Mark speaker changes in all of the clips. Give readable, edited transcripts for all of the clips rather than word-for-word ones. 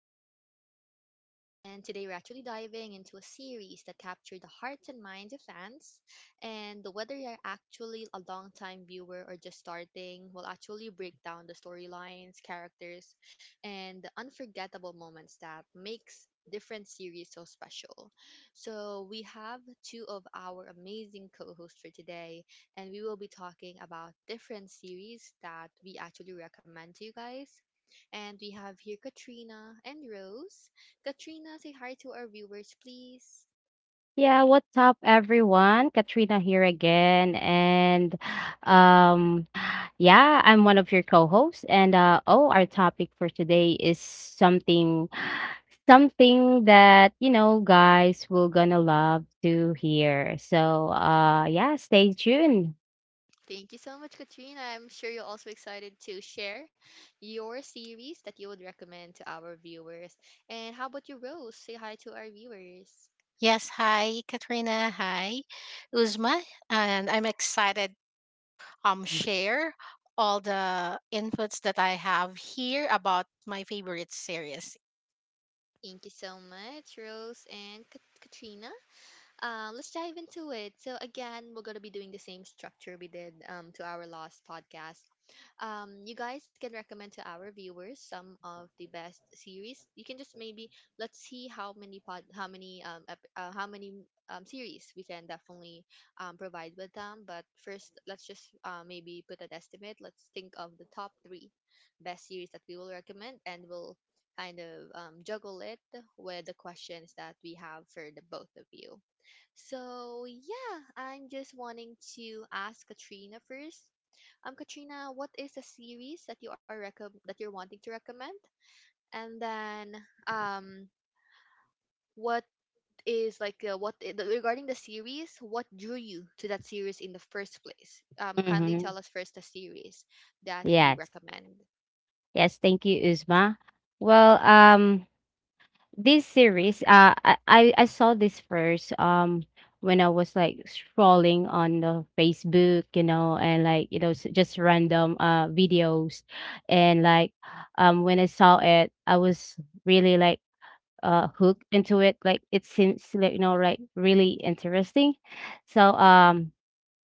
Speaker 1: of our podcast. And today we're actually diving into a series that captured the hearts and minds of fans. And whether you're actually a long-time viewer or just starting, we'll actually break down the storylines, characters, and the unforgettable moments that makes different series so special. So we have two of our amazing co-hosts for today and we will be talking about different series that we actually recommend to you guys. And we have here Katrina and Rose. Katrina, say hi to our viewers, please.
Speaker 2: Yeah, what's up everyone? Katrina here again, and um yeah, I'm one of your co-hosts, and our topic for today is something that, guys will gonna love to hear. So, yeah, stay tuned.
Speaker 1: Thank you so much, Katrina. I'm sure you're also excited to share your series that you would recommend to our viewers. And how about you, Rose? Say hi to our viewers.
Speaker 3: Yes, hi Katrina, hi Uzma, and I'm excited share all the inputs that I have here about my favorite series.
Speaker 1: Thank you so much, Rose and Katrina. Let's dive into it. So again, we're gonna be doing the same structure we did to our last podcast. You guys can recommend to our viewers some of the best series. You can just maybe let's see how many how many series we can definitely provide with them. But first, let's just maybe put an estimate. Let's think of the top three best series that we will recommend, and we'll kind of juggle it with the questions that we have for the both of you. So, yeah, I'm just wanting to ask Katrina first. Katrina, what is a series that you are that you're wanting to recommend? And then, um, what is like what regarding the series? What drew you to that series in the first place? Kindly
Speaker 2: Mhm.
Speaker 1: tell us first the series that you
Speaker 2: Yes.
Speaker 1: recommend.
Speaker 2: Yes, thank you, Uzma. Well, this series I saw this first when I was like scrolling on the Facebook, you know, and like just random videos, and like when I saw it I was really like hooked into it. Like it seems like, you know, like really interesting. So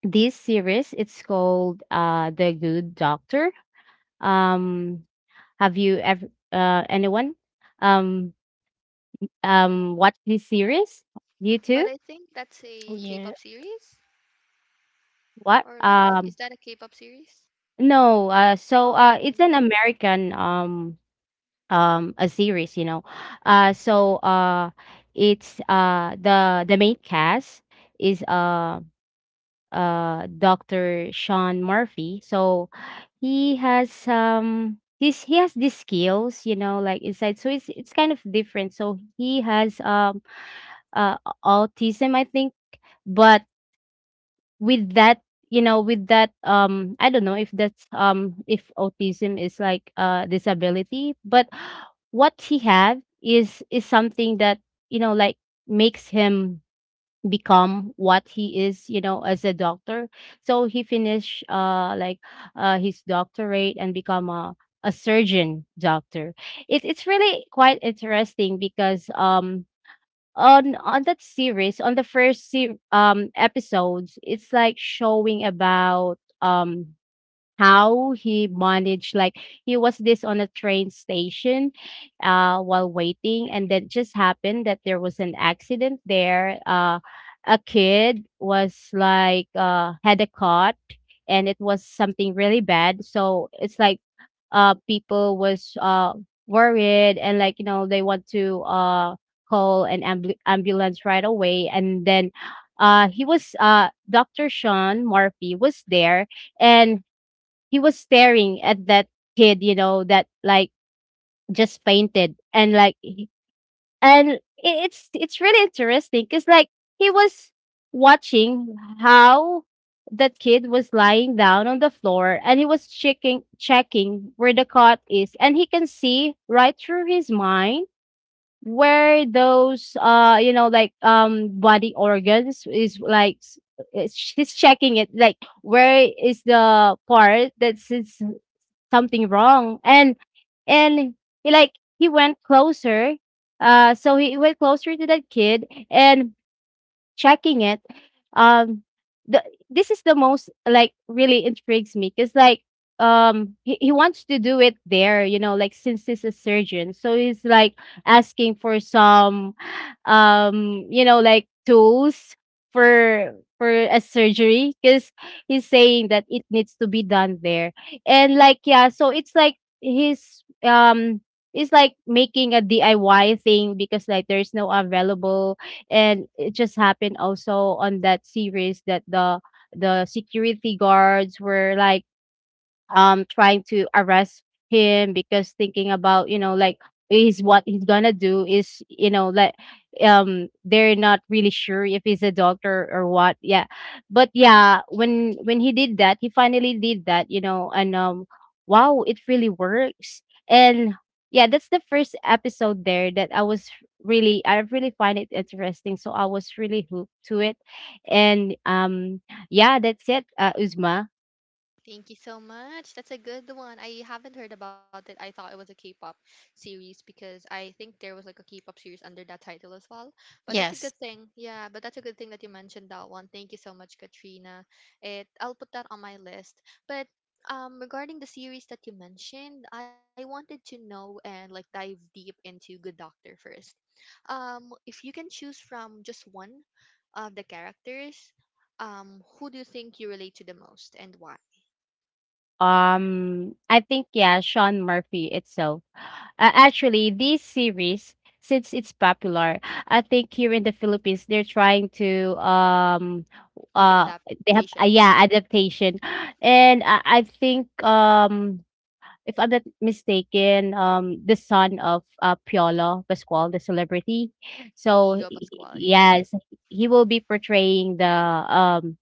Speaker 2: this series, it's called The Good Doctor. Um have you ever anyone um watch this series? You
Speaker 1: But
Speaker 2: too?
Speaker 1: I think that's a
Speaker 3: Yeah.
Speaker 1: K-pop series,
Speaker 2: What?
Speaker 1: or not really. Is that a K-pop series?
Speaker 2: No, it's
Speaker 1: Oh.
Speaker 2: an American a series, you know. Uh so uh it's the main cast is Dr. Sean Murphy. So he has these skills, you know, like inside. So it's kind of different. So he has uh autism, I think, but with that, you know, with that I don't know if that's if autism is like a disability, but what he had is something that, you know, like makes him become what he is, you know, as a doctor. So he finished like his doctorate and become a surgeon doctor. It's really quite interesting because on that series, on the first episodes, it's like showing about how he managed. Like he was this on a train station while waiting, and then just happened that there was an accident there. A kid was like had a caught, and it was something really bad. So it's like people was worried, and like, you know, they want to call an ambulance right away. And then he was Dr. Sean Murphy was there, and he was staring at that kid, you know, that like just fainted and like it's really interesting cuz like he was watching how that kid was lying down on the floor, and he was checking where the cut is, and he can see right through his mind where those body organs is like he's checking it like where is the part that's his something wrong. And he like he went closer. So he went closer to that kid and checking it. Um the This is the most like really intrigues me because like he wants to do it there, you know, like since he's a surgeon. So he's like asking for some tools for a surgery because he's saying that it needs to be done there. And like, yeah, so it's like his it's like making a DIY thing because like there's no available. And it just happened also on that series that the security guards were like trying to arrest him because thinking about, you know, like is what he's gonna do is, you know, like they're not really sure if he's a doctor or what. Yeah, but yeah, when he did that, he finally did that, you know. And wow, it really works. And yeah, that's the first episode there that I was really, I really find it interesting, so I was really hooked to it. And yeah, that's it, Uzma.
Speaker 1: Thank you so much. That's a good one. I haven't heard about it. I thought it was a K-pop series because I think there was like a K-pop series under that title as well. But that's a good
Speaker 3: Yes.
Speaker 1: thing. Yeah, but that's a good thing that you mentioned that one. Thank you so much, Katrina. It I'll put that on my list. But regarding the series that you mentioned, I wanted to know and like dive deep into Good Doctor first. If you can choose from just one of the characters, who do you think you relate to the most and why?
Speaker 2: I think, yeah, Sean Murphy itself. Actually, this series, since it's popular, I think here in the Philippines they're trying to
Speaker 1: Make an
Speaker 2: uh they have
Speaker 1: adaptation.
Speaker 2: yeah, adaptation, and I think if I'm not mistaken, the son of Piolo Pascual, the celebrity, so
Speaker 1: Inigo Pascual, yeah.
Speaker 2: yes, he will be portraying the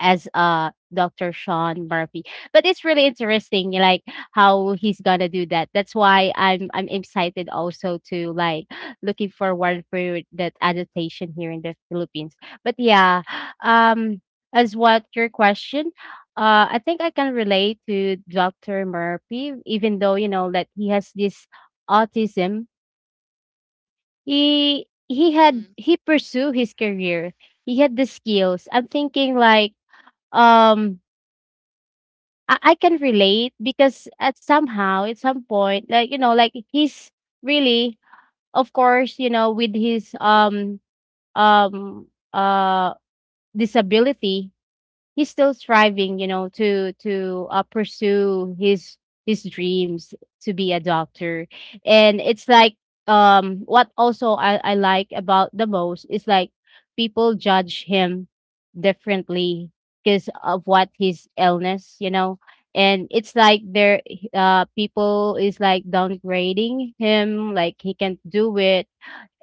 Speaker 2: as Dr. Sean Murphy. But it's really interesting like how he's gonna do that. That's why I'm excited also to like looking forward for that adaptation here in the Philippines. But yeah, um as what your question, I think I can relate to Dr. Murphy, even though, you know, that he has this autism.
Speaker 1: Hmm.
Speaker 2: He pursue his career. He had the skills. I'm thinking like um I can relate because at somehow at some point, like, you know, like he's really, of course, you know, with his um uh disability, he's still striving, you know, to pursue his dreams to be a doctor. And it's like what also I like about the most is like people judge him differently because of what his illness, you know. And it's like there, people is like downgrading him, like he can't do it.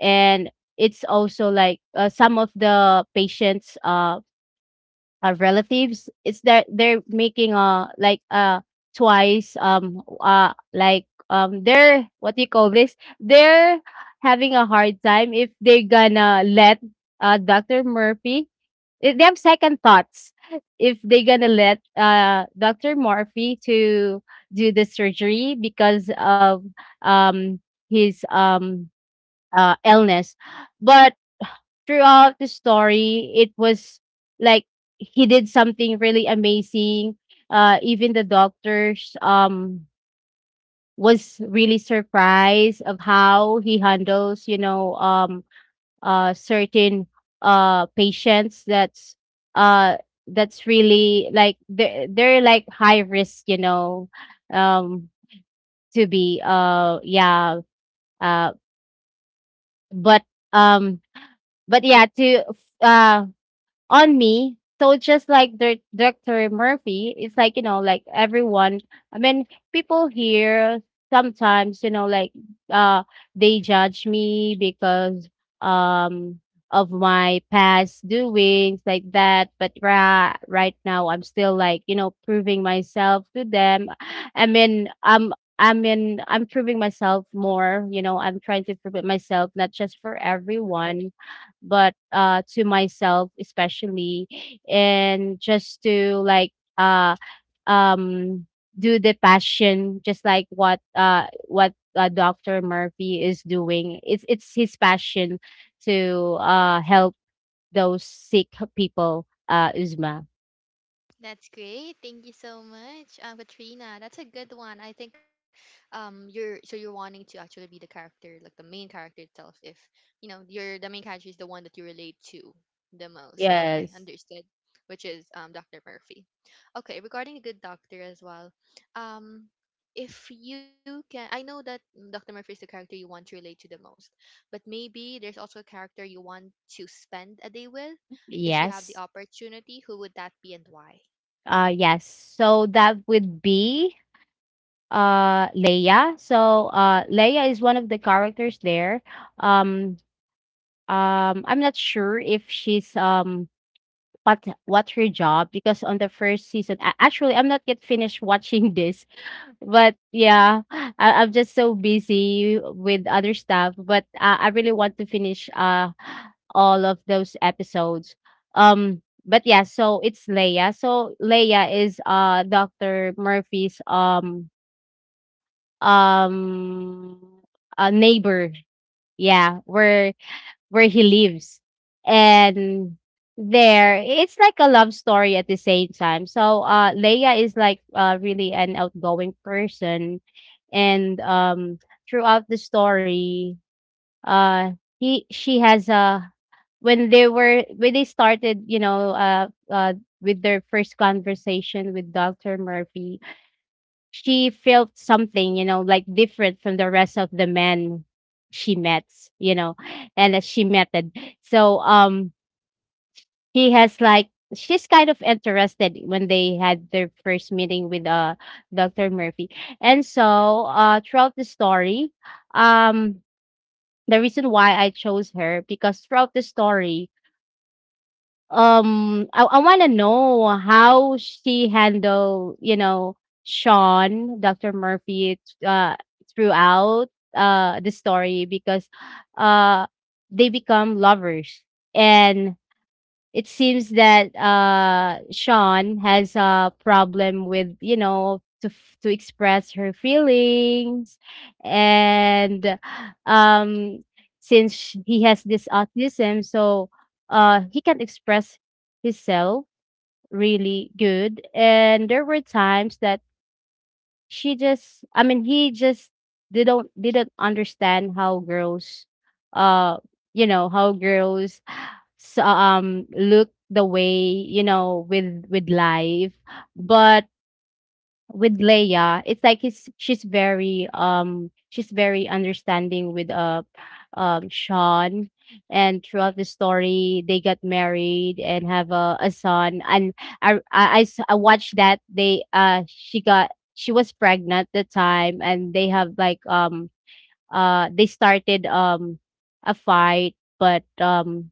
Speaker 2: And it's also like some of the patients relatives, it's that they're making twice they're, what do you call this, they're having a hard time if they're gonna let Dr. Murphy, they have second thoughts if they're gonna let Dr. Murphy to do the surgery because of um his illness. But throughout the story, it was like he did something really amazing. Even the doctors was really surprised of how he handles, you know, certain patients uh that's really like they're like high risk, you know, um to be yeah. uh but um but Yeah, to uh on me. So just like Director Murphy, it's like, you know, like everyone. I mean, people here sometimes, you know, like uh, they judge me because um of my past doings like that. But right now, I'm still like, you know, proving myself to them. I mean, I'm. I mean, I'm proving myself more. You know, I'm trying to prove it myself, not just for everyone but to myself especially. And just to like uh um do the passion just like what Dr. Murphy is doing. It's his passion to help those sick people, Uzma.
Speaker 1: That's great. Thank you so much, Katrina. That's a good one. I think, you're so you're wanting to actually be the character, like the main character itself. If you know you're the main character is the one that you relate to the most. Okay,
Speaker 2: Yes.
Speaker 1: understood. Which is Dr. Murphy. Okay, regarding a good doctor as well. Um, if you can, I know that Dr. Murphy is the character you want to relate to the most, but maybe there's also a character you want to spend a day with if you have the
Speaker 2: Yes.
Speaker 1: opportunity, who would that be and why?
Speaker 2: Uh yes so that would be Leia. Leia is one of the characters there. um I'm not sure if she's what her job because on the first season, actually, I'm not yet finished watching this, but yeah, I'm just so busy with other stuff. But I really want to finish all of those episodes. Um, but yeah, so it's Leia. So Leia is Doctor Murphy's um a neighbor. Yeah, where he lives. And there, it's like a love story at the same time. So Leia is like really an outgoing person, and throughout the story, uh, he she has a when they started, you know, with their first conversation with Doctor Murphy, she felt something, you know, like different from the rest of the men she met, you know, And so he has like she's kind of interested when they had their first meeting with Dr. Murphy. And so throughout the story, um the reason why I chose her because throughout the story, I wanna know how she handled, you know, Dr. Murphy throughout the story because uh they become lovers. And it seems that Sean has a problem with, you know, to express her feelings. And um since he has this autism, so he can express himself really good. And there were times that she just I mean he just didn't understand how girls uh you know, how girls look the way, you know, with life. But with Leia, it's like he's she's very understanding with Sean. And throughout the story, they got married and have a son. And I watched that they she got, she was pregnant at the time, and they have like they started a fight, but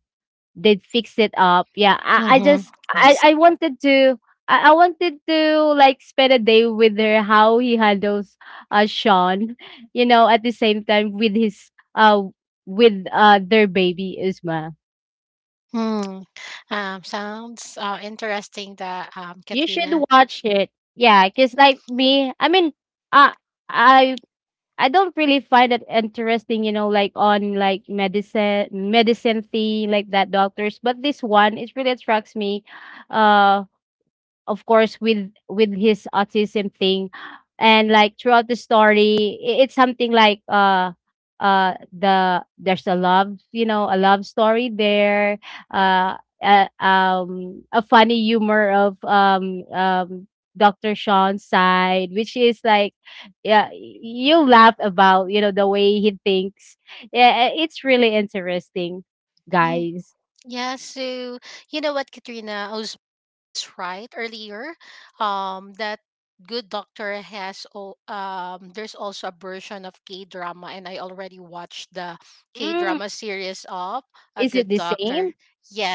Speaker 2: they'd fix it up. Yeah,
Speaker 3: Mm-hmm.
Speaker 2: I,
Speaker 3: Yes.
Speaker 2: I wanted to I wanted to like spend a day with her, how he handles Sean, you know, at the same time with his uh with their baby Isma.
Speaker 3: Mm. Sounds interesting, that
Speaker 2: You should
Speaker 3: Katrina.
Speaker 2: watch it. Yeah, because like me, I mean uh I I don't really find it interesting, you know, like on like medicine thing like that doctors. But this one, it really attracts me, uh of course, with his autism thing. And like throughout the story, it's something like there's a love, you know, a love story there, uh, a funny humor of Dr. Sean's side, which is like, yeah, you laugh about, you know, the way he thinks. Yeah, it's really interesting,
Speaker 3: hmm,
Speaker 2: guys.
Speaker 3: Yeah, so you know what, Katrina Oz is right earlier. That Good Doctor has there's also a version of K drama, and I already watched the K
Speaker 2: Mm.
Speaker 3: drama series of A
Speaker 2: Is it
Speaker 3: Good
Speaker 2: the
Speaker 3: Doctor.
Speaker 2: same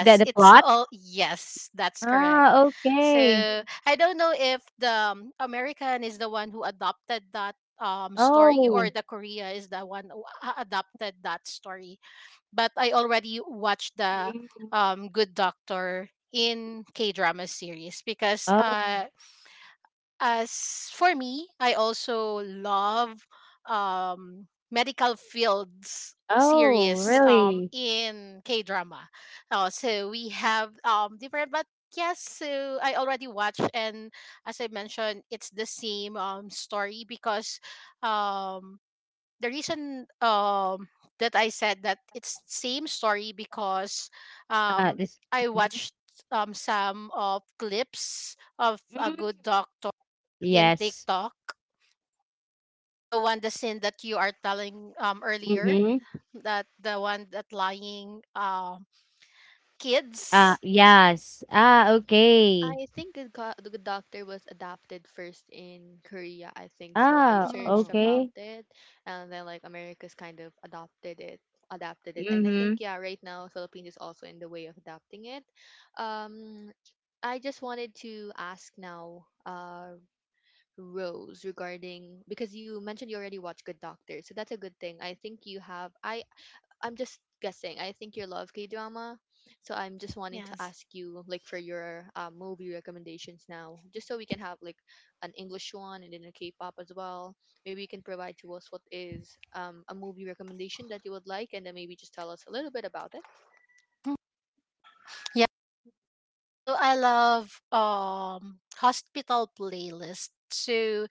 Speaker 2: that the
Speaker 3: it's
Speaker 2: plot?
Speaker 3: all, yes, that's correct.
Speaker 2: Ah, okay.
Speaker 3: So I don't know if the American is the one who adopted that story, or
Speaker 2: Oh.
Speaker 3: the Korea is the one who adopted that story, but I already watched the
Speaker 2: Mm.
Speaker 3: Good Doctor in K drama series, because
Speaker 2: Oh.
Speaker 3: as for me, I also love medical fields
Speaker 2: Oh,
Speaker 3: series
Speaker 2: really?
Speaker 3: in K drama. So we have different, but yes, so I already watched, and as I mentioned, it's the same story, because um, the reason that I said that it's same story because um
Speaker 2: This.
Speaker 3: I
Speaker 2: Mhm.
Speaker 3: watched some of clips of a
Speaker 2: Mm.
Speaker 3: good doctor in
Speaker 2: Yes.
Speaker 3: TikTok. The one, the scene that you are telling earlier,
Speaker 2: Mhm.
Speaker 3: that the one that lying kids.
Speaker 2: Yes. Ah, okay.
Speaker 1: I think the the Good Doctor was adapted first in Korea, I think. So I
Speaker 2: Ah,
Speaker 1: searched
Speaker 3: Mm,
Speaker 1: about
Speaker 2: okay.
Speaker 1: it and then like America's kind of adopted it, adapted it. And I
Speaker 2: Mhm.
Speaker 1: think yeah, right now Philippines is also in the way of adapting it. Um I just wanted to ask now Rose regarding because you mentioned you already watched Good Doctor. So that's a good thing. I'm just guessing. I think you love K drama, so I'm just wanting to
Speaker 3: yes.
Speaker 1: ask you like for your movie recommendations now, just so we can have like an English one and then a K-pop as well. Maybe you can provide to us what is a movie recommendation that you would like, and then maybe just tell us a little bit about it.
Speaker 3: Mm, yeah. So I love hospital playlist. So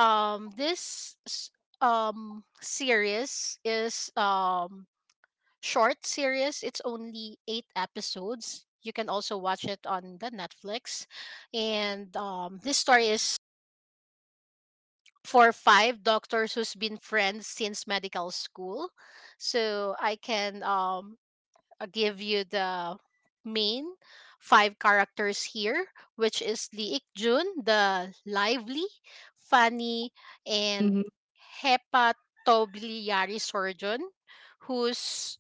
Speaker 3: um this s- series is short series. It's only 8 episodes. You can also watch it on the Netflix. And this story is for five doctors who's been friends since medical school. So I can give you the main five characters here, which is Lee Ik Jun, the lively, funny, and
Speaker 2: Mhm.
Speaker 3: hepatobiliary surgeon, who's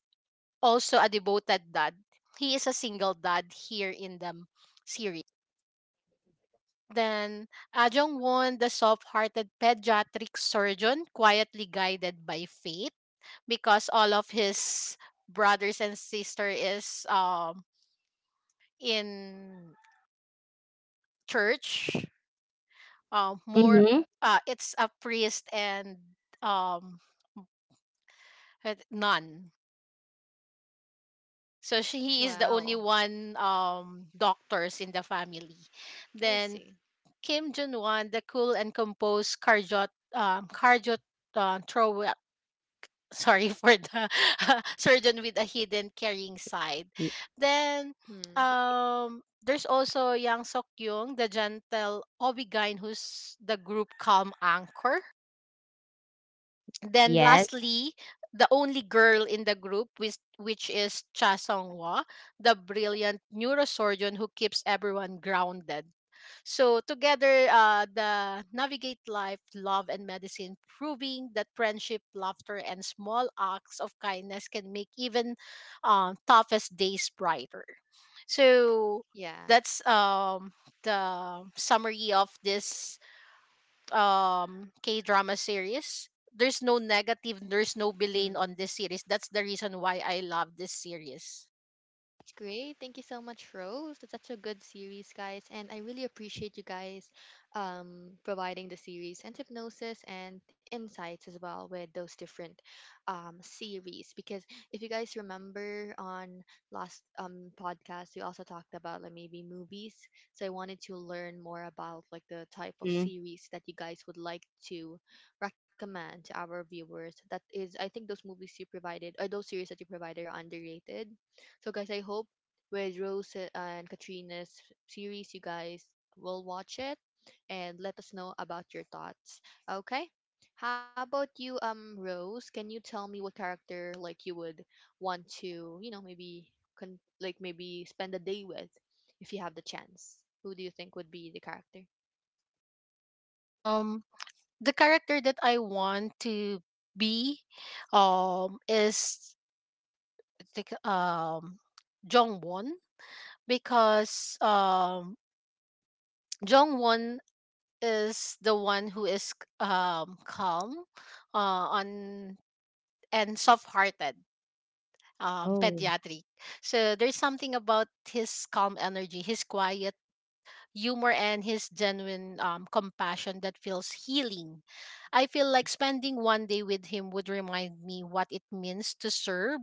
Speaker 3: also a devoted dad. He is a single dad here in the series. Then Ah Jung Won, the soft-hearted pediatric surgeon, quietly guided by fate, because all of his brothers and sister is in church. More,
Speaker 2: Mhm.
Speaker 3: it's a priest and um a nun. So she, he is the only
Speaker 1: Wow,
Speaker 3: one doctors in the family.
Speaker 1: I
Speaker 3: Then
Speaker 1: see.
Speaker 3: Kim Jun Wan, the cool and composed cardiot cardiot throw sorry for the surgeon with a hidden caring side.
Speaker 2: Y-
Speaker 3: Then
Speaker 1: Hmm.
Speaker 3: there's also Yang Sok Yung, the gentle Obigine, who's the group calm anchor. Then
Speaker 2: yes.
Speaker 3: lastly, the only girl in the group, which is Cha Song Hwa, the brilliant neurosurgeon who keeps everyone grounded. So together, the navigate life, love, and medicine, proving that friendship, laughter, and small acts of kindness can make even toughest days brighter. So
Speaker 1: Yeah.
Speaker 3: that's the summary of this K drama series. There's no negative, there's no villain
Speaker 1: Hmm.
Speaker 3: on this series. That's the reason why I love this series.
Speaker 1: That's great. Thank you so much, Rose. That's such a good series, guys. And I really appreciate you guys providing the series and hypnosis and insights as well with those different series. Because if you guys remember on last podcast, we also talked about like maybe movies. So I wanted to learn more about like the type of
Speaker 2: Mm.
Speaker 1: series that you guys would like to recommend to our viewers. That is, I think those movies you provided or those series that you provided are underrated so, guys, I hope with Rose and Katrina's series, you guys will watch it and let us know about your thoughts. Okay? How about you, Rose? Can you tell me what character like you would want to, you know, maybe like maybe spend a day with if you have the chance? Who do you think would be the character?
Speaker 3: Um, the character that I want to be is think, um Jong Won, because Jong Won is the one who is calm on and soft hearted
Speaker 2: Oh.
Speaker 3: pediatric, so there's something about his calm energy, his quiet humor, and his genuine compassion that feels healing. I feel like spending one day with him would remind me what it means to serve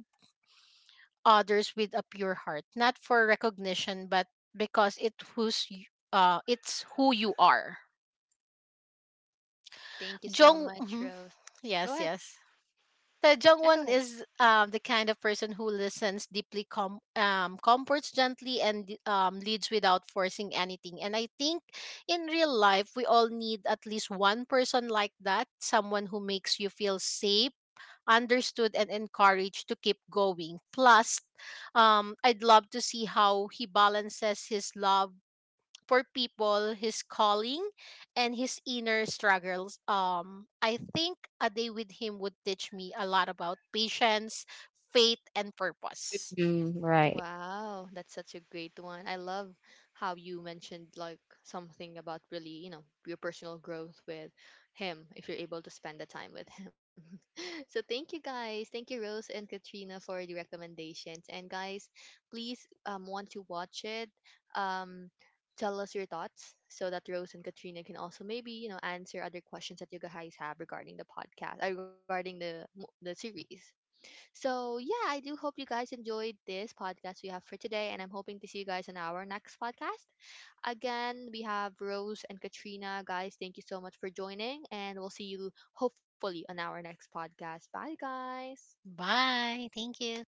Speaker 3: others with a pure heart, not for recognition, but because it it's who you are.
Speaker 1: Thank you so
Speaker 3: Jong,
Speaker 1: much,
Speaker 3: mhm.
Speaker 1: Rose. Go ahead.
Speaker 3: Yes, yes. So
Speaker 1: Yeah, go ahead.
Speaker 3: Jungwon is the kind of person who listens deeply, comforts gently, and leads without forcing anything. And I think in real life, we all need at least one person like that, someone who makes you feel safe, understood, and encouraged to keep going. Plus, I'd love to see how he balances his love for people, his calling, and his inner struggles. I think a day with him would teach me a lot about patience, faith, and purpose.
Speaker 2: Mm, right.
Speaker 1: Wow, that's such a great one. I love how you mentioned like something about really, you know, your personal growth with him if you're able to spend the time with him. So thank you guys. Thank you Rose and Katrina for the recommendations. And guys, please once you watch it, um tell us your thoughts so that Rose and Katrina can also maybe, you know, answer other questions that you guys have regarding the podcast, regarding the series. So, yeah, I do hope you guys enjoyed this podcast we have for today, and I'm hoping to see you guys on our next podcast. Again, we have Rose and Katrina. Guys, thank you so much for joining, and we'll see you hopefully on our next podcast. Bye, guys.
Speaker 3: Bye. Thank you.